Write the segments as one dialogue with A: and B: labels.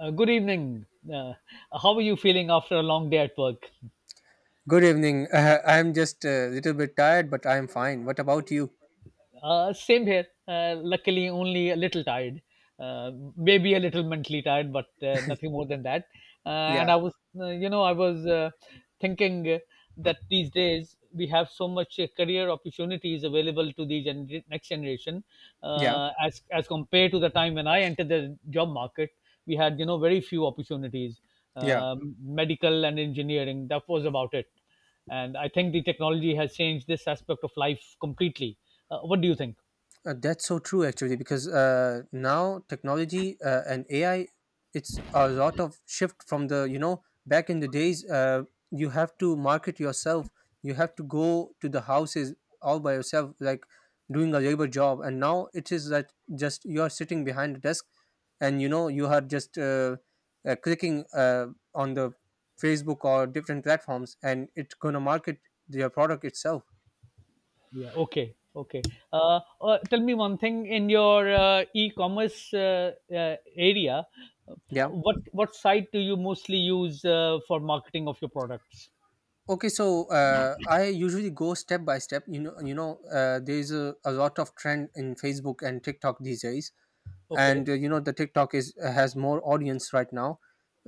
A: Good evening. Uh, how are you feeling after a long day at work?
B: Good evening. I'm just a little bit tired, but I'm fine. What about you?
A: Same here. Luckily, only a little tired. Maybe a little mentally tired, but nothing more than that. Uh, and
B: Yeah,
A: I was, I was thinking that these days we have so much career opportunities available to the next generation,
B: yeah,
A: as compared to the time when I entered the job market. We had, you know, very few opportunities.
B: yeah.
A: Medical and engineering. That was about it, and I think the technology has changed this aspect of life completely. What do you think?
B: That's so true, actually, because now technology and AI, it's a lot of shift from the back in the days, you have to market yourself. You have to go to the houses all by yourself, like doing a labor job. And now it is that just you are sitting behind the desk and, you know, you are just clicking on the Facebook or different platforms and it's going to market your product itself.
A: Yeah. Okay. Okay uh, uh, tell me one thing in your e-commerce uh, uh, area. uh,
B: Yeah.
A: what what site do you mostly use for marketing of your products?
B: Okay, so I usually go step by step. You know, there is a lot of trend in Facebook and TikTok these days,
A: Okay.
B: and you know the TikTok is has more audience right now.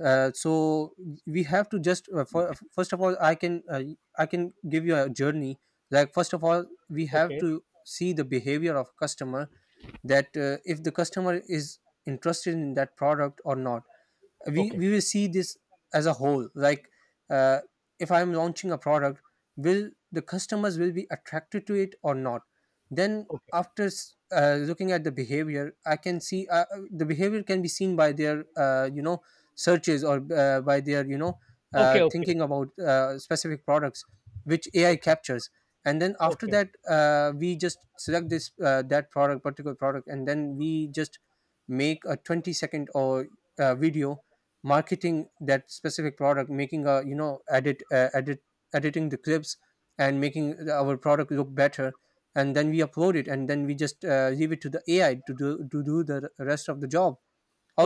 B: So we have to just first of all, I can give you a journey. Like first of all, we have
A: Okay.
B: to see the behavior of customer, that if the customer is interested in that product or not, we
A: Okay.
B: we will see this as a whole. Like uh, if I'm launching a product, will the customers will be attracted to it or not? Then
A: Okay.
B: after looking at the behavior, I can see the behavior can be seen by their, uh, searches, or by their, you know,
A: Okay. Okay.
B: thinking about specific products, which AI
A: Okay.
B: captures. And then after
A: okay
B: that, we just select this that product particular product, and then we just make a 20 second or video, marketing that specific product, making a, you know, editing the clips and making our product look better. And then we upload it, and then we just leave it to the AI to do the rest of the job.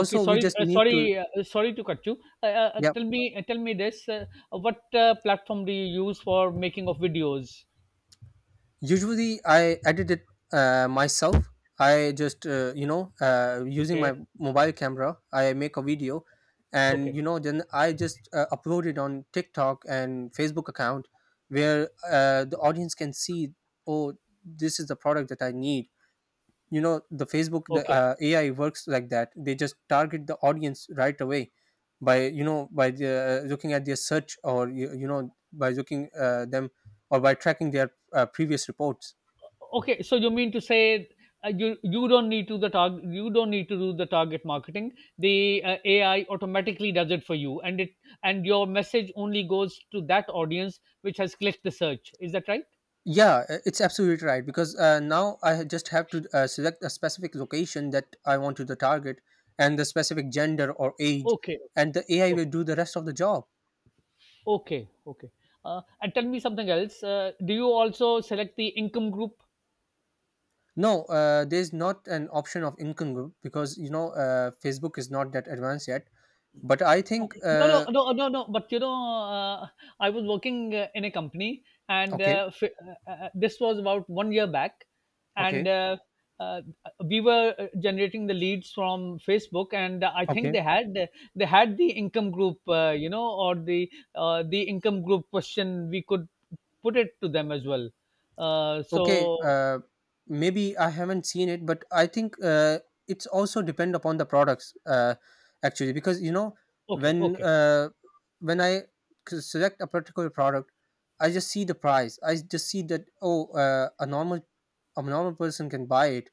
A: okay
B: we
A: sorry
B: just
A: uh,
B: need to,
A: sorry uh, sorry to cut you. uh, uh, uh,
B: yeah,
A: tell me, tell me this what platform do you use for making of videos?
B: usually I edit it myself. I just, using my
A: Okay.
B: mobile camera, I make a video, and,
A: Okay.
B: you know, then I just upload it on TikTok and Facebook account, where the audience can see, oh, this is the product that I need. You know, the Facebook, the
A: Okay.
B: AI works like that, they just target the audience right away by, you know, by looking at their search, or you know, by looking them, or by tracking their previous reports.
A: Okay. So you mean to say you don't need to the target, you don't need to do the target marketing. The AI automatically does it for you, and it and your message only goes to that audience which has clicked the search. Is that right?
B: Yeah, it's absolutely right because now just have to select a specific location that I want to the target, and the specific gender or age,
A: Okay.
B: and the AI
A: Okay.
B: will do the rest of the job.
A: Okay. And tell me something else. Do you also select the income group?
B: No, there's not an option of incongru because, you know, Facebook is not that advanced yet. But I
A: Oh.
B: think
A: No, no, no, no, no. But you know, uh, I was working in a company, and
B: okay,
A: this was about 1 year back, and
B: okay,
A: uh, we were generating the leads from Facebook, and I think
B: okay.
A: they had the income group, or the income group question. We could put it to them as well. Uh,
B: Okay,
A: so
B: maybe I haven't seen it, but I think it's also depend upon the products, actually, because, you know,
A: okay,
B: when
A: okay,
B: uh, when I select a particular product, I just see the price. I just see that, oh, a normal, a normal person can buy it,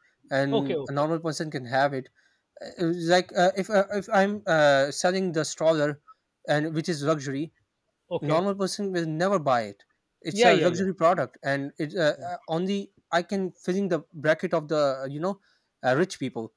A: okay,
B: and a
A: okay,
B: normal person can have it. Uh, Like, if I'm selling the stroller, and which is luxury,
A: okay.
B: normal person will never buy it. It's
A: Yeah,
B: a
A: yeah, yeah.
B: luxury product, and it's
A: Yeah.
B: on the, I can filling the bracket of the, rich people,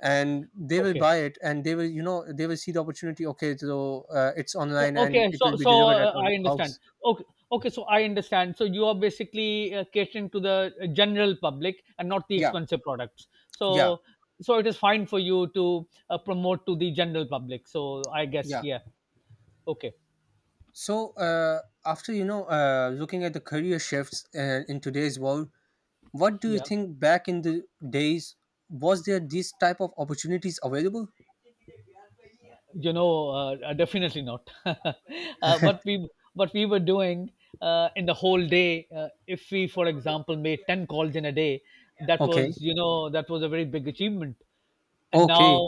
B: and they will
A: Okay.
B: buy it, and they will, you know, they will see the opportunity. Okay, so it's
A: O-
B: online and
A: Okay,
B: it will
A: so
B: be
A: so
B: delivered at
A: uh,
B: our
A: I understand.
B: house.
A: Okay, okay, so I understand. So you are basically catering to the general public and not the
B: yeah
A: expensive products.
B: yeah
A: So it is fine for you to promote to the general public. So I guess
B: yeah
A: yeah. Okay,
B: So after, you know, looking at the career shifts in today's world, what do you
A: yeah.
B: think back in the days, was there these type of opportunities available?
A: You know, definitely not. What we were doing in the whole day, if we, for example, made 10 calls in a day,
B: okay
A: that was a very big achievement. and
B: okay
A: now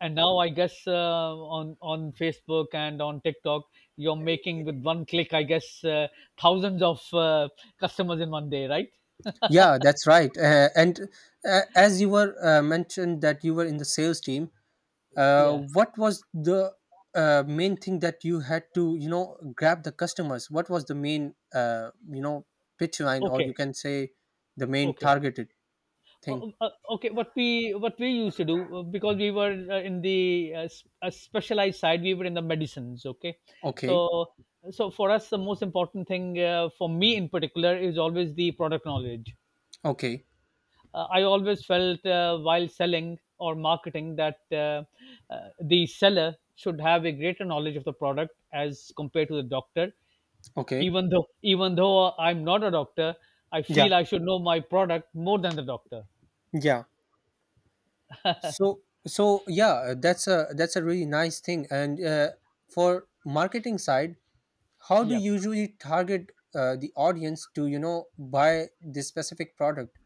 A: and now I guess on Facebook and on TikTok you're making with one click, I guess, thousands of customers in 1 day, right?
B: Yeah, that's right. And As you were mentioned that you were in the sales team,
A: Yeah.
B: what was the main thing that you had to, you know, grab the customers? What was the main, pitch line, or
A: Okay.
B: you can say the main
A: okay
B: targeted
A: O-
B: thing?
A: o- uh, okay what we what we used to do because we were in the specialized side, we were in the medicines. Okay. so
B: Okay,
A: so for us the most important thing, for me in particular, is always the product knowledge.
B: okay,
A: I always felt while selling or marketing that the seller should have a greater knowledge of the product as compared to the doctor.
B: okay.
A: Even though I'm not a doctor, I
B: Yeah,
A: feel I should know my product more than the doctor.
B: yeah. So, so, yeah, that's a really nice thing. And for marketing side, how do
A: Yeah.
B: you usually target the audience to, you know, buy this specific product,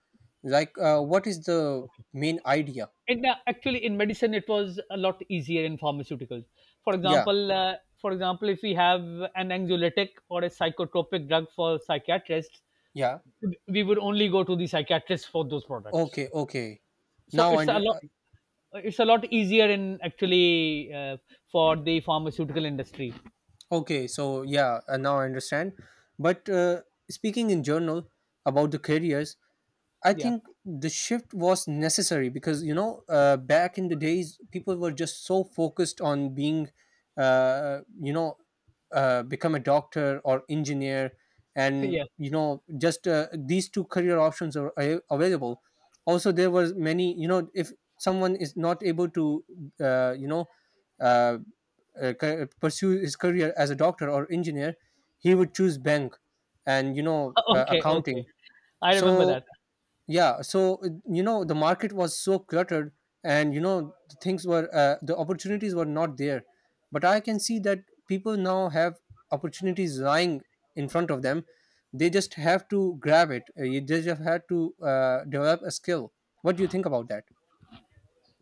B: like what is the main idea?
A: And actually, in medicine, it was a lot easier in pharmaceuticals. For
B: Yeah,
A: example, uh, for example, if we have an anxiolytic or a psychotropic drug for psychiatrists,
B: yeah.
A: we would only go to the psychiatrist for those products.
B: Okay, okay.
A: so
B: Now I
A: it's a
B: under
A: lot it's a lot easier in actually for the pharmaceutical industry.
B: Okay, so yeah, now I understand. But speaking in general about the careers, I
A: Yeah.
B: think the shift was necessary because, you know, back in the days, people were just so focused on being, uh, you know become a doctor or engineer, and,
A: Yeah.
B: you know, just these two career options are available. Also there was many, you know, if someone is not able to uh, you know uh, pursue his career as a doctor or engineer, he would choose bank and, you know,
A: Okay. Okay.
B: accounting.
A: I remember
B: So
A: that.
B: yeah, so you know, the market was so cluttered, and, you know, the things were the opportunities were not there. But I can see that people now have opportunities lying in front of them. They just have to grab it. You They just have had to develop a skill. What do you think about that?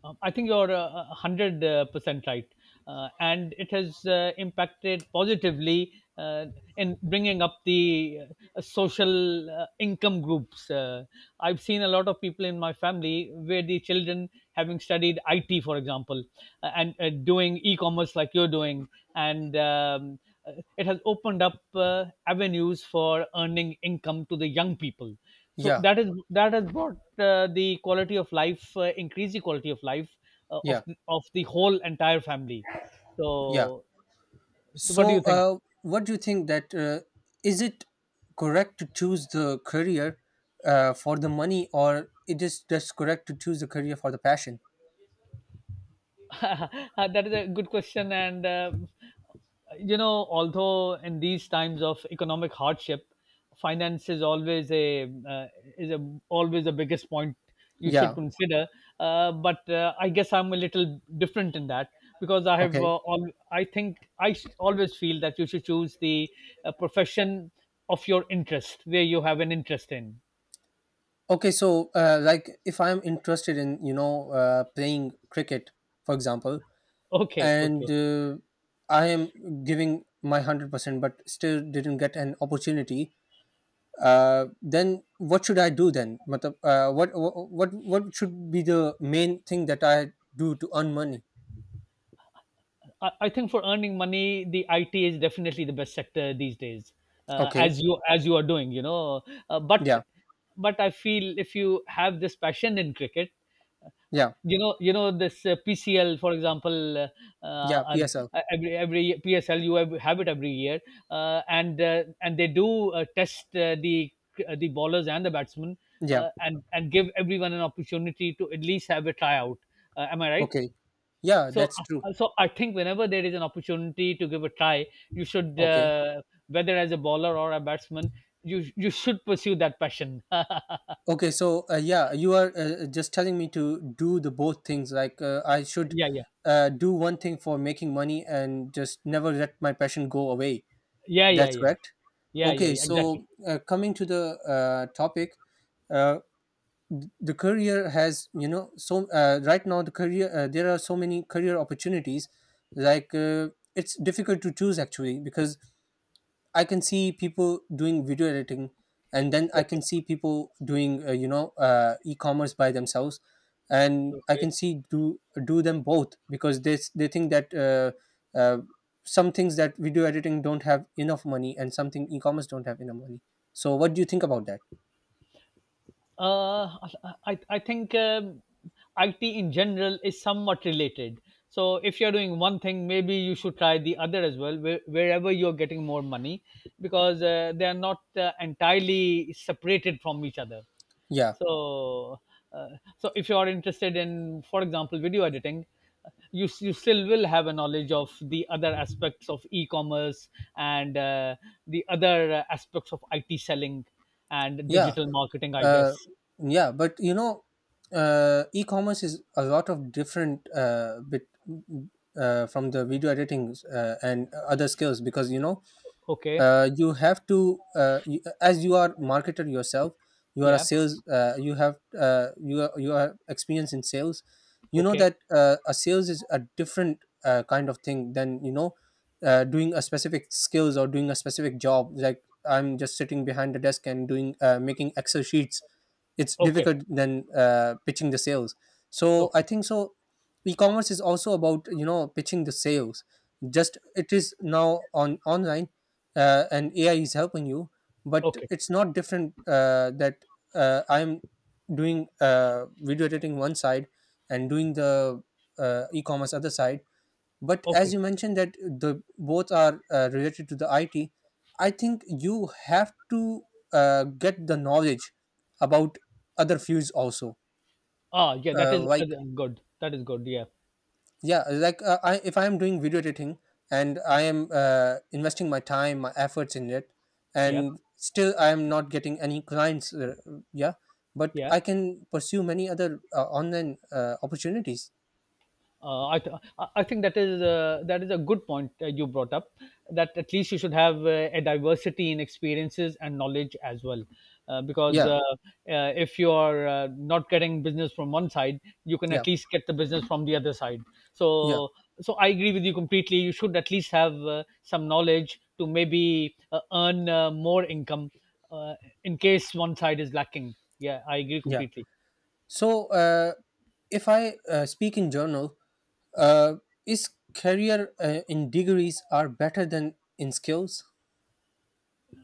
A: I think you're 100% right. And it has impacted positively in bringing up the social income groups. I've seen a lot of people in my family where the children, having studied IT, for example, and doing e commerce like you're doing, and it has opened up avenues for earning income to the young people, so
B: Yeah,
A: that has brought the quality of life increased the quality of life uh, of
B: yeah,
A: of the whole entire family.
B: yeah.
A: So so what do you
B: So
A: think?
B: what do you think that is it correct to choose the career for the money, or it is just correct to choose the career for the passion?
A: That is a good question, and although in these times of economic hardship, finance is always a is a always the biggest point you should
B: Yeah.
A: consider. But I guess I'm a little different in that, because I have
B: Okay.
A: all I think I s- always feel that you should choose the profession of your interest where you have an interest in.
B: Okay. So, like, if I'm interested in, you know, playing cricket, for example,
A: Okay.
B: and
A: Okay.
B: I am giving my 100%, but still didn't get an opportunity, then what should I do then? Matlab, what should be the main thing that I do to earn money?
A: I think for earning money, the IT is definitely the best sector these days,
B: Okay.
A: as you are doing, you know. Uh, but
B: Yeah.
A: but I feel if you have this passion in cricket, uh,
B: Yeah.
A: you know this PCL, for example,
B: Yeah.
A: and
B: PSL.
A: every PSL, you have it every year, and they do test the bowlers and the batsmen,
B: Yeah.
A: and give everyone an opportunity to at least have a tryout, am I right?
B: Okay. Yeah.
A: So,
B: That's true.
A: so I think whenever there is an opportunity to give a try, you should,
B: Okay.
A: whether as a bowler or a batsman, you should pursue that passion. Yeah,
B: Okay, so yeah, you are just telling me to do the both things. Like I should
A: yeah,
B: do one thing for making money and just never let my passion go away.
A: yeah, yeah,
B: That's
A: yeah,
B: correct.
A: yeah, yeah,
B: Okay,
A: yeah. Exactly.
B: so coming to the topic, uh, the career has, you know, so right now the career, there are so many career opportunities. Like it's difficult to choose actually, because I can see people doing video editing, and then I
A: Okay,
B: can see people doing, e-commerce by themselves, and I
A: okay.
B: can see do them both because they think that uh, some things that video editing don't have enough money, and something e-commerce don't have enough money. So what do you think about that?
A: Uh, I think IT in general is somewhat related. So if you're doing one thing, maybe you should try the other as well, where, wherever you're getting more money, because they are not entirely separated from each other.
B: Yeah,
A: So uh, so if you are interested in, for example, video editing, you still will have a knowledge of the other aspects of e-commerce and the other aspects of IT selling and
B: yeah,
A: digital marketing, I
B: uh,
A: guess.
B: yeah. But you know, e-commerce is a lot of different bit from the video editing and other skills, because, you know,
A: Okay.
B: you have to as you are marketer yourself, you are a
A: Yeah.
B: sales, you are experienced in sales. You know
A: Okay.
B: that a sales is a different kind of thing than, you know, doing a specific skills or doing a specific job. Like I'm just sitting behind the desk and doing, making Excel sheets. It's
A: Okay.
B: difficult than pitching the sales. So I
A: Okay.
B: think so, e-commerce is also about, you know, pitching the sales, just it is now on online. And AI is helping you, but
A: Okay.
B: it's not different that I'm doing video editing one side and doing the e-commerce other side. But as
A: Okay.
B: you mentioned that the both are related to the IT, I think you have to get the knowledge about other fields also.
A: Ah yeah, that is
B: Like
A: good, that is good. Yeah.
B: yeah like I if I am doing video editing and I am investing my time, my efforts in it,
A: Yeah.
B: and still I am not getting any clients, yeah, but
A: Yeah.
B: I can pursue many other online opportunities.
A: I, th- I think that is that is a good point you brought up. That at least you should have a diversity in experiences and knowledge as well, because
B: Yeah.
A: if you are not getting business from one side, you can
B: yeah
A: at least get the business from the other side.
B: yeah
A: So I agree with you completely. You should at least have some knowledge to maybe earn more income uh, in case one side is lacking. Yeah, I agree
B: yeah
A: completely.
B: so uh, if I speak in journal, uh, is career in degrees are better than in skills?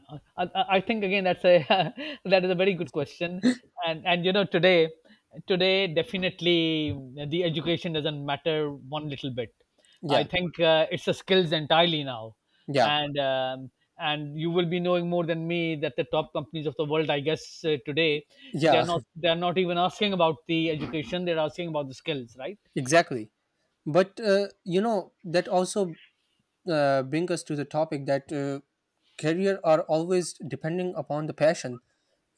A: I think again that's a that is a very good question, and you know today definitely the education doesn't matter one little bit. I
B: yeah
A: think it's a skills entirely now,
B: yeah
A: and you will be knowing more than me that the top companies of the world, I guess, today they are
B: yeah
A: not they are not even asking about the education; they're asking about the skills, right?
B: Exactly. But you know, that also bring us to the topic that career are always depending upon the passion.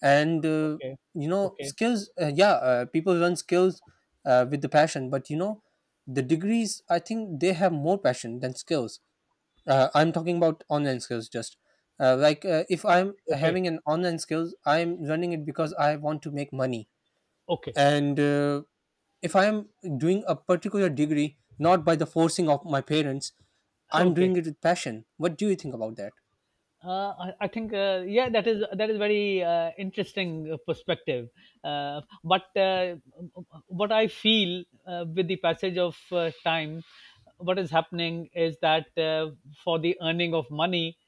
B: And
A: Okay,
B: you know,
A: okay,
B: skills, people learn skills with the passion, but you know, the degrees, I think they have more passion than skills. I'm talking about online skills just. Like, if I'm
A: okay,
B: having an online skills, I'm running it because I want to make money.
A: okay,
B: And if I am doing a particular degree not by the forcing of my parents, I'm doing
A: okay.
B: it with passion. What do you think about that?
A: I think yeah, that is very interesting perspective. But what I feel with the passage of time, what is happening is that for the earning of money,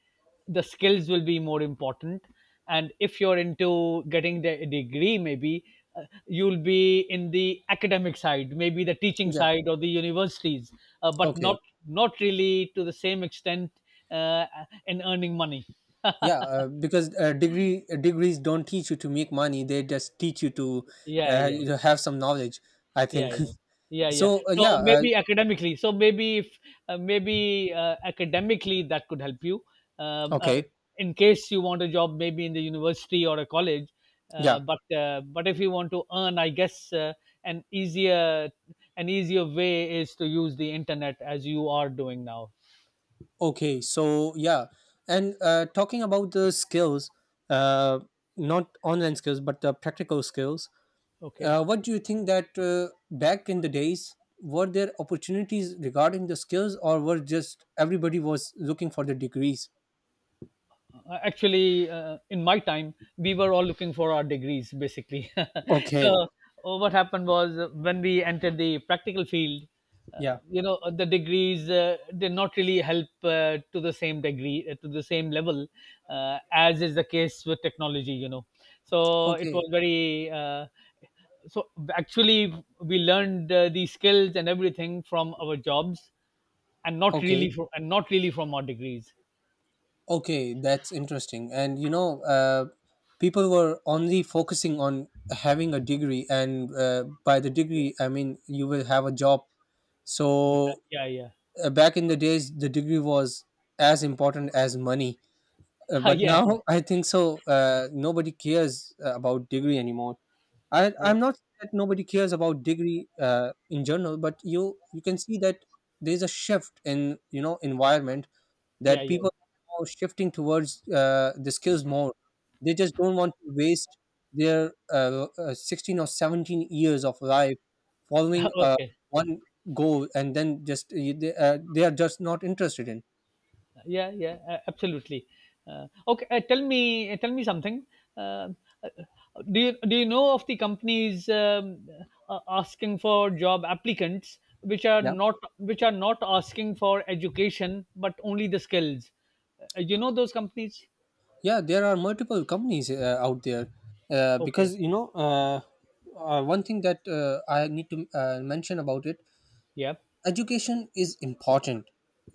A: the skills will be more important, and if you're into getting the degree maybe you'll be in the academic side, maybe the teaching
B: Yeah.
A: side or the universities, but
B: Okay.
A: not not really to the same extent uh, in earning money.
B: Yeah. Because degrees don't teach you to make money, they just teach you to
A: Yeah yeah
B: you know, have some knowledge, I
A: yeah
B: think.
A: yeah yeah yeah.
B: so uh,
A: so
B: yeah uh,
A: maybe academically so maybe if maybe academically that could help you, um, uh,
B: Okay.
A: in case you want a job, maybe in the university or a college, uh,
B: Yeah.
A: but uh, but if you want to earn, I guess, an easier an easier way is to use the internet as you are doing now.
B: Okay, so yeah, and talking about the skills, uh, not online skills but the practical skills.
A: Okay.
B: What do you think that back in the days, were there opportunities regarding the skills, or were just everybody was looking for the degrees?
A: Actually, in my time we were all looking for our degrees basically. so
B: Okay.
A: what happened was when we entered the practical field, uh,
B: Yeah.
A: the degrees did not really help to the same degree to the same level as is the case with technology, you know. It
B: Okay.
A: was very so actually we learned the skills and everything from our jobs, and not
B: Okay.
A: really from and not really from our degrees.
B: Okay. That's interesting. And you know, people were only focusing on having a degree, and by the degree, I mean you will have a job.
A: Yeah
B: So
A: yeah yeah.
B: back in the days, the degree was as important as money. But
A: Yeah
B: now
A: yeah.
B: I think so.
A: Yeah,
B: Nobody cares about degree anymore. I
A: yeah,
B: I'm not saying that nobody cares about degree in general, but you can see that there's a shift in you know environment,
A: yeah,
B: that
A: yeah.
B: people are shifting towards the skills more. They just don't want to waste their 16 or 17 years of life following
A: Okay.
B: one goal, and then they are just not interested in.
A: Yeah, yeah, a- absolutely. Okay, tell me something. Uh, uh, do you know of the companies, asking for job applicants
B: Yeah.
A: which are not asking for education but only the skills? You know those companies?
B: Yeah, there are multiple companies out there,
A: Okay.
B: because you know one thing that I need to mention about it,
A: Yeah.
B: education is important,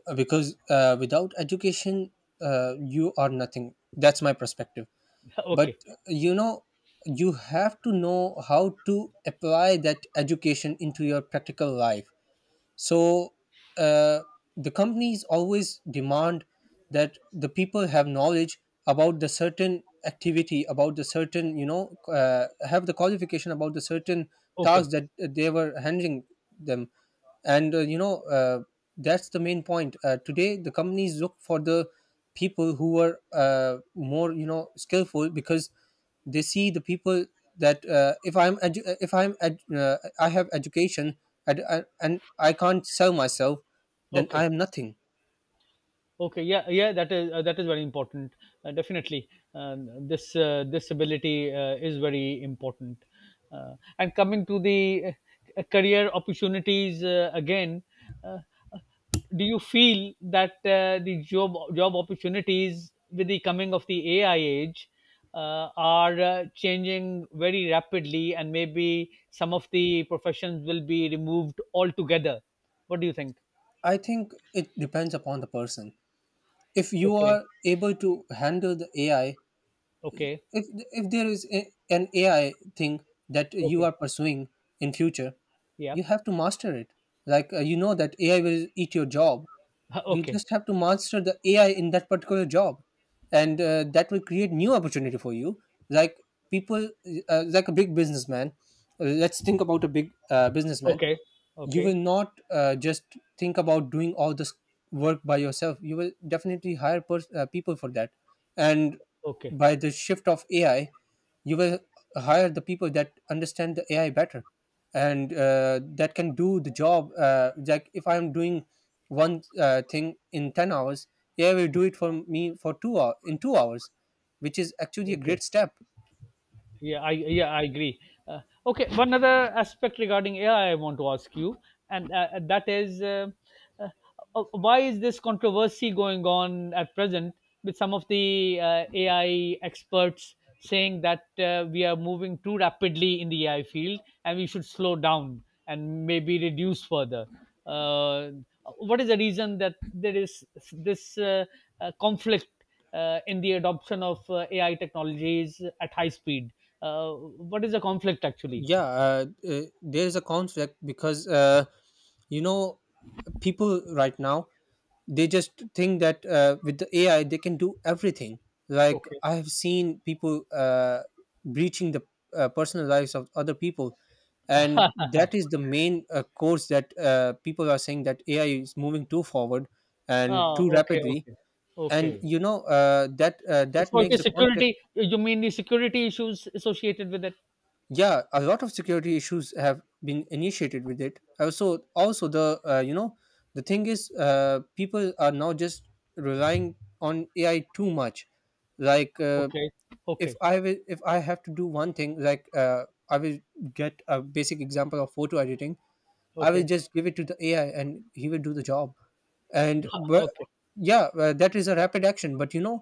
B: because without education, you are nothing. That's my perspective. But
A: Okay.
B: you know, you have to know how to apply that education into your practical life. So uh, the companies always demand that the people have knowledge about the certain activity, about the certain, you know, have the qualification about the certain
A: Okay.
B: tasks that they were handling them. And you know, that's the main point. Today the companies look for the people who are more, you know, skillful, because they see the people that if I'm edu- if I'm ed- I have education, and, and I can't sell myself, then I
A: Okay.
B: am nothing.
A: Okay, yeah, yeah, that is very important. Definitely, this this ability is very important. And coming to the career opportunities again, uh, do you feel that the job opportunities with the coming of the AI age are changing very rapidly, and maybe some of the professions will be removed altogether? What do you think?
B: I think it depends upon the person. If you
A: Okay,
B: are able to handle the AI,
A: okay,
B: if there is a, an AI thing that you
A: okay,
B: are pursuing in future,
A: yeah.
B: you have to master it. Like you know, that AI will eat your job. You
A: Okay,
B: just have to master the AI in that particular job, and that will create new opportunity for you. Like people, like a big businessman. Let's think about a big businessman,
A: okay,
B: you will
A: okay,
B: not just think about doing all this work by yourself, you will definitely hire people for that. And
A: okay,
B: by the shift of AI, you will hire the people that understand the AI better, and that can do the job, like if I'm doing one thing in 10 hours, AI will do it for me for 2 hours, which is actually a
A: okay.
B: great step.
A: Yeah, I yeah, I agree. Uh, okay, one other aspect regarding AI I want to ask you, and that is, uh, why is this controversy going on at present with some of the AI experts saying that we are moving too rapidly in the AI field and we should slow down and maybe reduce further. Uh, what is the reason that there is this conflict in the adoption of AI technologies at high speed. What is the conflict actually?
B: Yeah. There is a conflict because you know, people right now, they just think that with the AI they can do everything. Like
A: Okay.
B: I have seen people breaching the personal lives of other people, and that is the main course that people are saying that AI is moving too forward and
A: Ah,
B: too
A: okay,
B: rapidly.
A: okay, okay.
B: And you know, that
A: So it
B: makes the
A: is
B: conflict.
A: security. You mean the security issues associated with it?
B: Yeah, a lot of security issues have been initiated with it. Also also the, you know, the thing is people are now just relying on AI too much. Like
A: Okay,
B: if
A: okay,
B: I will, if I have to do one thing, like I will get a basic example of photo editing. I will
A: okay,
B: just give it to the AI, and he will do the job. and but
A: okay,
B: yeah uh, that is a rapid action, but you know,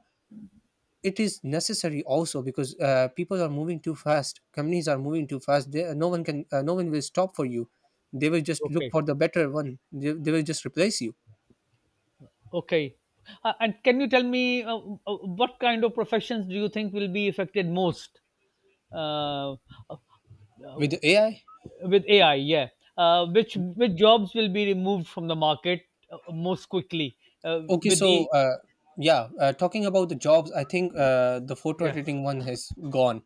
B: it is necessary also, because people are moving too fast, companies are moving too fast, no one can no one will stop for you. They will just look
A: okay,
B: for the better one, they will just replace you
A: okay. And can you tell me what kind of professions do you think will be affected most? Uh, uh,
B: with AI.
A: with AI, yeah, which jobs will be removed from the market most quickly
B: Okay,
A: with
B: so
A: the
B: uh, yeah, talking about the jobs, I think the photo
A: yeah.
B: editing one has gone,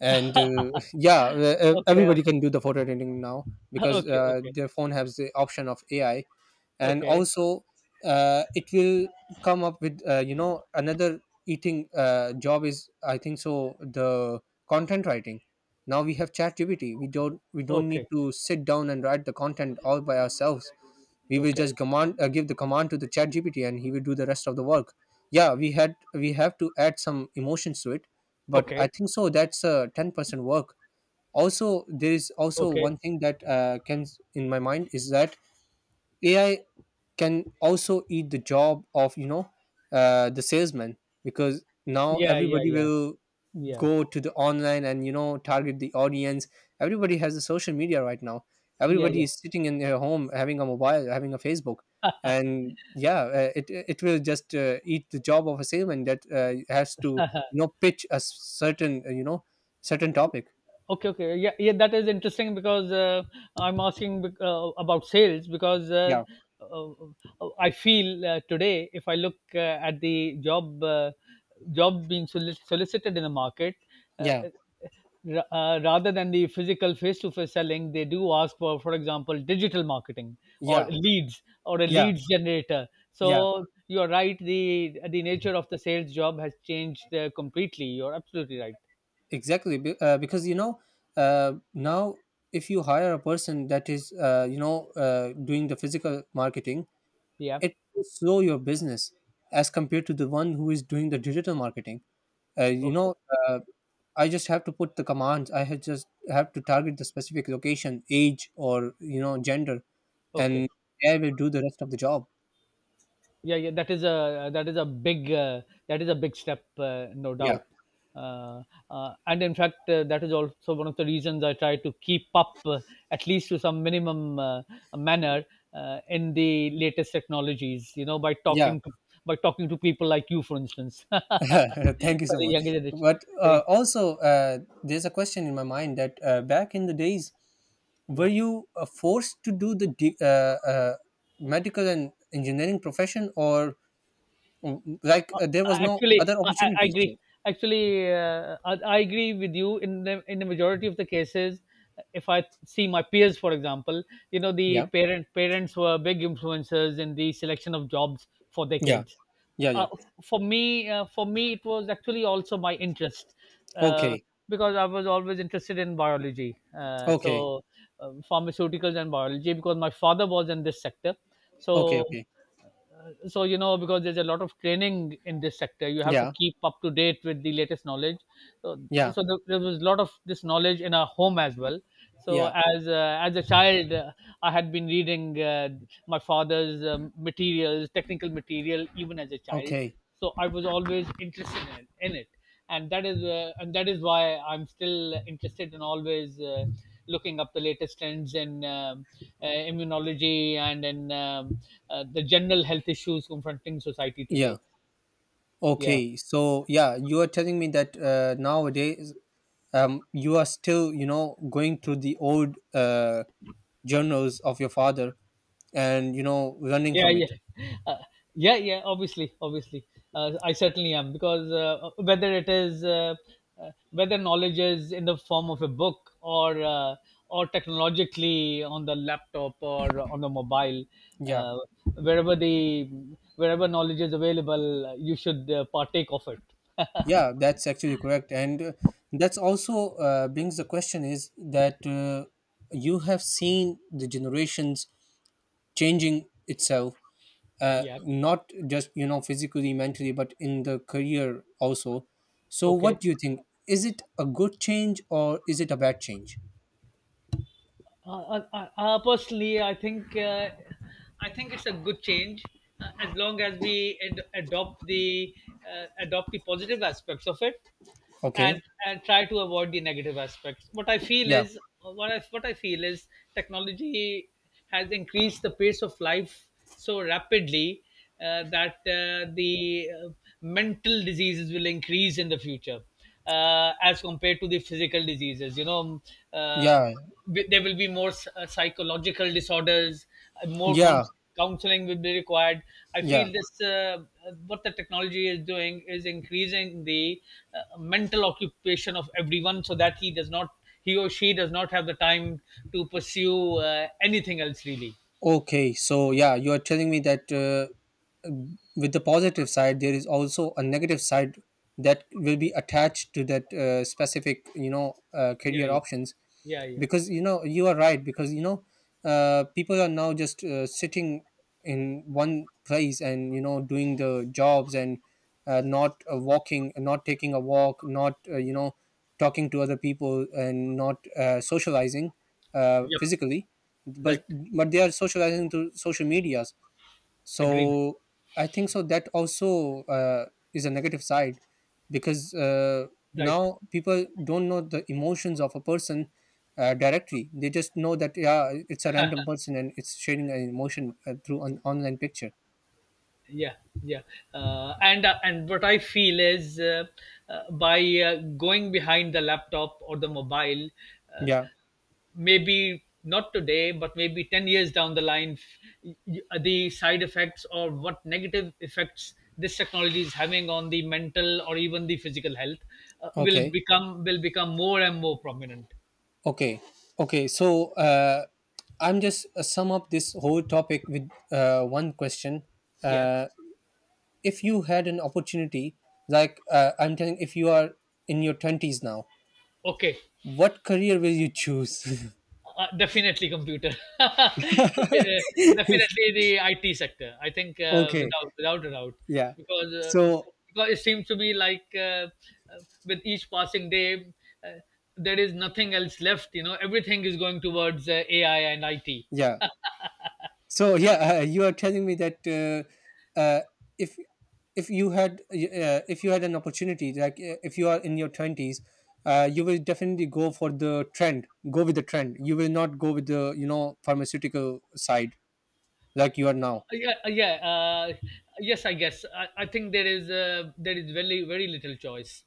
B: and yeah,
A: Okay,
B: everybody
A: okay,
B: can do the photo editing now, because
A: okay, okay,
B: their phone has the option of AI, and
A: okay, okay,
B: also it will come up with you know, another eating job is I think so the content writing. Now we have ChatGPT. We don't need
A: okay,
B: to sit down and write the content all by ourselves. We will
A: okay,
B: just command, give the command to the chat gpt and he will do the rest of the work. Yeah, we have to add some emotions to it, but I
A: okay,
B: think so that's a 10% work. Also, there is also
A: okay.
B: one thing that can in my mind is that AI can also eat the job of, you know, the salesman, because now
A: Yeah, yeah,
B: everybody
A: yeah,
B: will
A: yeah,
B: go to the online and, you know, target the audience. Everybody has the social media right now,
A: yeah,
B: everybody
A: yeah.
B: is sitting in their home having a mobile, having a Facebook. And yeah, it will just eat the job of a salesman that has to, you know, pitch a certain, you know, certain topic.
A: Okay, okay, yeah, yeah, that is interesting because I'm asking about sales because
B: Yeah.
A: uh, I feel today if I look at the job solicited in the market, uh,
B: Yeah.
A: uh, rather than the physical face-to-face selling, they do ask for example, digital marketing or
B: Yeah.
A: leads or a
B: Yeah.
A: leads generator.
B: Yeah,
A: So you are right; the nature of the sales job has changed completely. You're absolutely right.
B: exactly. Because you know, now if you hire a person that is you know, doing the physical marketing,
A: Yeah.
B: it will slow your business as compared to the one who is doing the digital marketing. uh, you
A: Okay.
B: know uh, I just have to put the commands, I have just have to target the specific location, age, or, you know, gender,
A: Okay.
B: and I will do the rest of the job.
A: Yeah, yeah, that is a big that is a big step no
B: Yeah.
A: doubt. uh, and in fact that is also one of the reasons I try to keep up at least to some minimum manner in the latest technologies, you know,
B: Yeah.
A: by talking to people like you, for instance,
B: Thank you
A: for
B: so
A: the
B: much.
A: younger generation.
B: But
A: I
B: uh,
A: think,
B: also uh, there's a question in my mind that back in the days, were
A: yeah.
B: you forced to do the medical and engineering profession? Or, mm, like
A: Uh,
B: uh, there was no
A: Actually,
B: other
A: I
B: opportunity, so...
A: agree. Actually, I agree with you in the majority of the cases. If I see my peers, for example, you know, the
B: Yeah.
A: parents were big influencers in the selection of jobs for their
B: Yeah.
A: kids.
B: Yeah. Yeah.
A: Uh, for me uh, for me it was actually also my interest, uh,
B: Okay.
A: because I was always interested in biology,
B: Okay.
A: so pharmaceuticals and biology, because my father was in this sector. So,
B: Okay. Okay.
A: so you know, because there's a lot of training in this sector, you have to
B: Yeah.
A: keep up to date with the latest knowledge. So,
B: Yeah.
A: so there was a lot of this knowledge in our home as well. So
B: Yeah.
A: as a child, I had been reading my father's materials, technical material, even as a child.
B: Okay.
A: So I was always interested in it. And that is and that is why I'm still interested in always looking up the latest trends in immunology and in the general health issues confronting society
B: Yeah.
A: today. Yeah,
B: Okay, so yeah, you are telling me that nowadays, um, you are still, you know, going through the old, uh, journals of your father, and, you know, running
A: yeah,
B: from
A: yeah,
B: it.
A: uh, yeah, yeah. Obviously, obviously, I certainly am, because whether it is whether knowledge is in the form of a book or technologically on the laptop or on the mobile,
B: Yeah.
A: uh, wherever the wherever knowledge is available, you should partake of it.
B: Yeah, that's actually correct, and that's also brings the question is that you have seen the generations changing itself,
A: Yeah.
B: not just you know physically, mentally, but in the career also. So,
A: Okay.
B: what do you think? Is it a good change or is it a bad change?
A: Personally, I think it's a good change as long as we adopt the positive aspects of it,
B: Okay.
A: and try to avoid the negative aspects. What I feel
B: Yeah.
A: is what I feel is technology has increased the pace of life so rapidly that the mental diseases will increase in the future as compared to the physical diseases. You know, uh,
B: Yeah.
A: there will be more psychological disorders, more
B: Yeah.
A: counseling will be required. I
B: Yeah.
A: feel this what the technology is doing is increasing the mental occupation of everyone, so that he does not he or she does not have the time to pursue anything else really.
B: Okay. So yeah, you are telling me that. With the positive side there is also a negative side that will
A: Yeah,
B: be attached to that specific you know
A: yeah,
B: career
A: yeah,
B: options,
A: yeah, yeah.
B: because you know you are right, because you know people are now just sitting in one place and you know doing the jobs, and not walking, not taking a walk, not you know, talking to other people and not socializing
A: Yep,
B: physically, but
A: right.
B: but they are socializing through social media.
A: Agreed.
B: So I think so that also is a negative side, because
A: Right.
B: now people don't know the emotions of a person directly. They just know that, yeah, it's a random person and it's sharing an emotion through an online picture.
A: Yeah, yeah. And and what I feel is by going behind the laptop or the mobile, uh,
B: Yeah.
A: maybe not today, but maybe 10 years down the line, the side effects or what negative effects this technology is having on the mental or even the physical health
B: Okay.
A: will become more and more prominent.
B: Okay. Okay, so, I'm just sum up this whole topic with one question.
A: Yeah,
B: uh, if you had an opportunity, I'm telling if you are in your 20s now,
A: okay.
B: what career will you choose?
A: Definitely computer. Defi- uh, Definitely the IT sector. I think
B: Okay.
A: without without a doubt,
B: Yeah.
A: because uh,
B: So
A: because it seems to be like with each passing day, uh, there is nothing else left. You know, everything is going towards AI and IT.
B: yeah, so yeah, you are telling me that, uh, if you had if you had an opportunity, like if you are in your 20s, you will definitely go for the trend, go with the trend, you will not go with the, you know, pharmaceutical side, like you are now.
A: Yeah, yeah. Yes, I guess. I think there is very very little choice,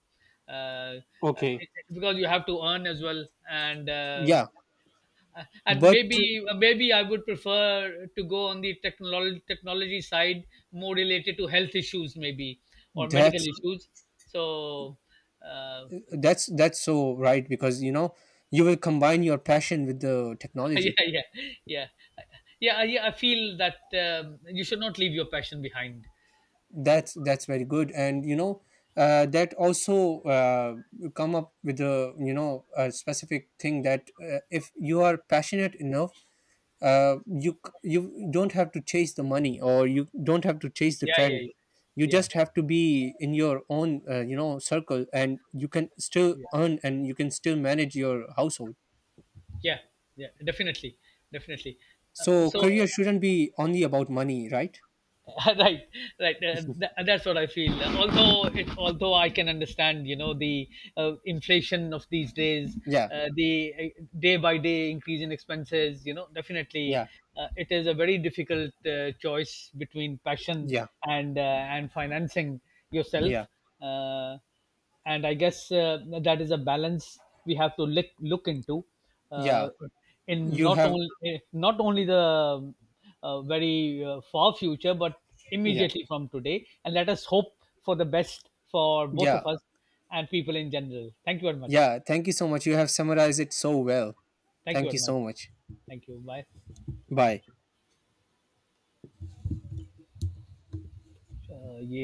A: uh,
B: Okay.
A: because you have to earn as well, and um,
B: Yeah,
A: Uh, and
B: but
A: maybe uh, maybe I would prefer to go on the technology side, more related to health issues, maybe, or medical
B: that's
A: issues. So, uh,
B: that's that's so right, because you know you will combine your passion with the
A: yeah,
B: technology.
A: yeah, yeah, yeah, yeah. I feel that you should not leave your passion behind.
B: That's very good, and you know that also come up with a you know a specific thing that if you are passionate enough, you you don't have to chase the money or you don't have to chase the
A: Yeah,
B: trend.
A: yeah,
B: You
A: yeah,
B: just have to be in your own you know, circle, and you can still
A: yeah,
B: earn and you can still manage your household.
A: yeah, yeah. Yeah, definitely, definitely. Uh,
B: So
A: so.
B: career shouldn't be only about money, right?
A: Right, right. That's what I feel, although although I can understand, you know, the inflation of these days,
B: Yeah,
A: the day by day increase in expenses, you know, definitely
B: yeah,
A: it is a very difficult choice between passion
B: yeah,
A: and financing yourself.
B: yeah,
A: uh, and I guess that is a balance we have to look into
B: yeah.
A: uh, in
B: You
A: not
B: have.
A: only not only the very far future, but
B: Yeah,
A: immediately from today. And let us hope for the best for both
B: yeah.
A: of us and people in general. Thank you very much.
B: Yeah, thank you so much. You have summarized it so well.
A: Thank you
B: Thank
A: very
B: you
A: much.
B: so much.
A: Thank you. Bye.
B: Bye.
A: Yeah.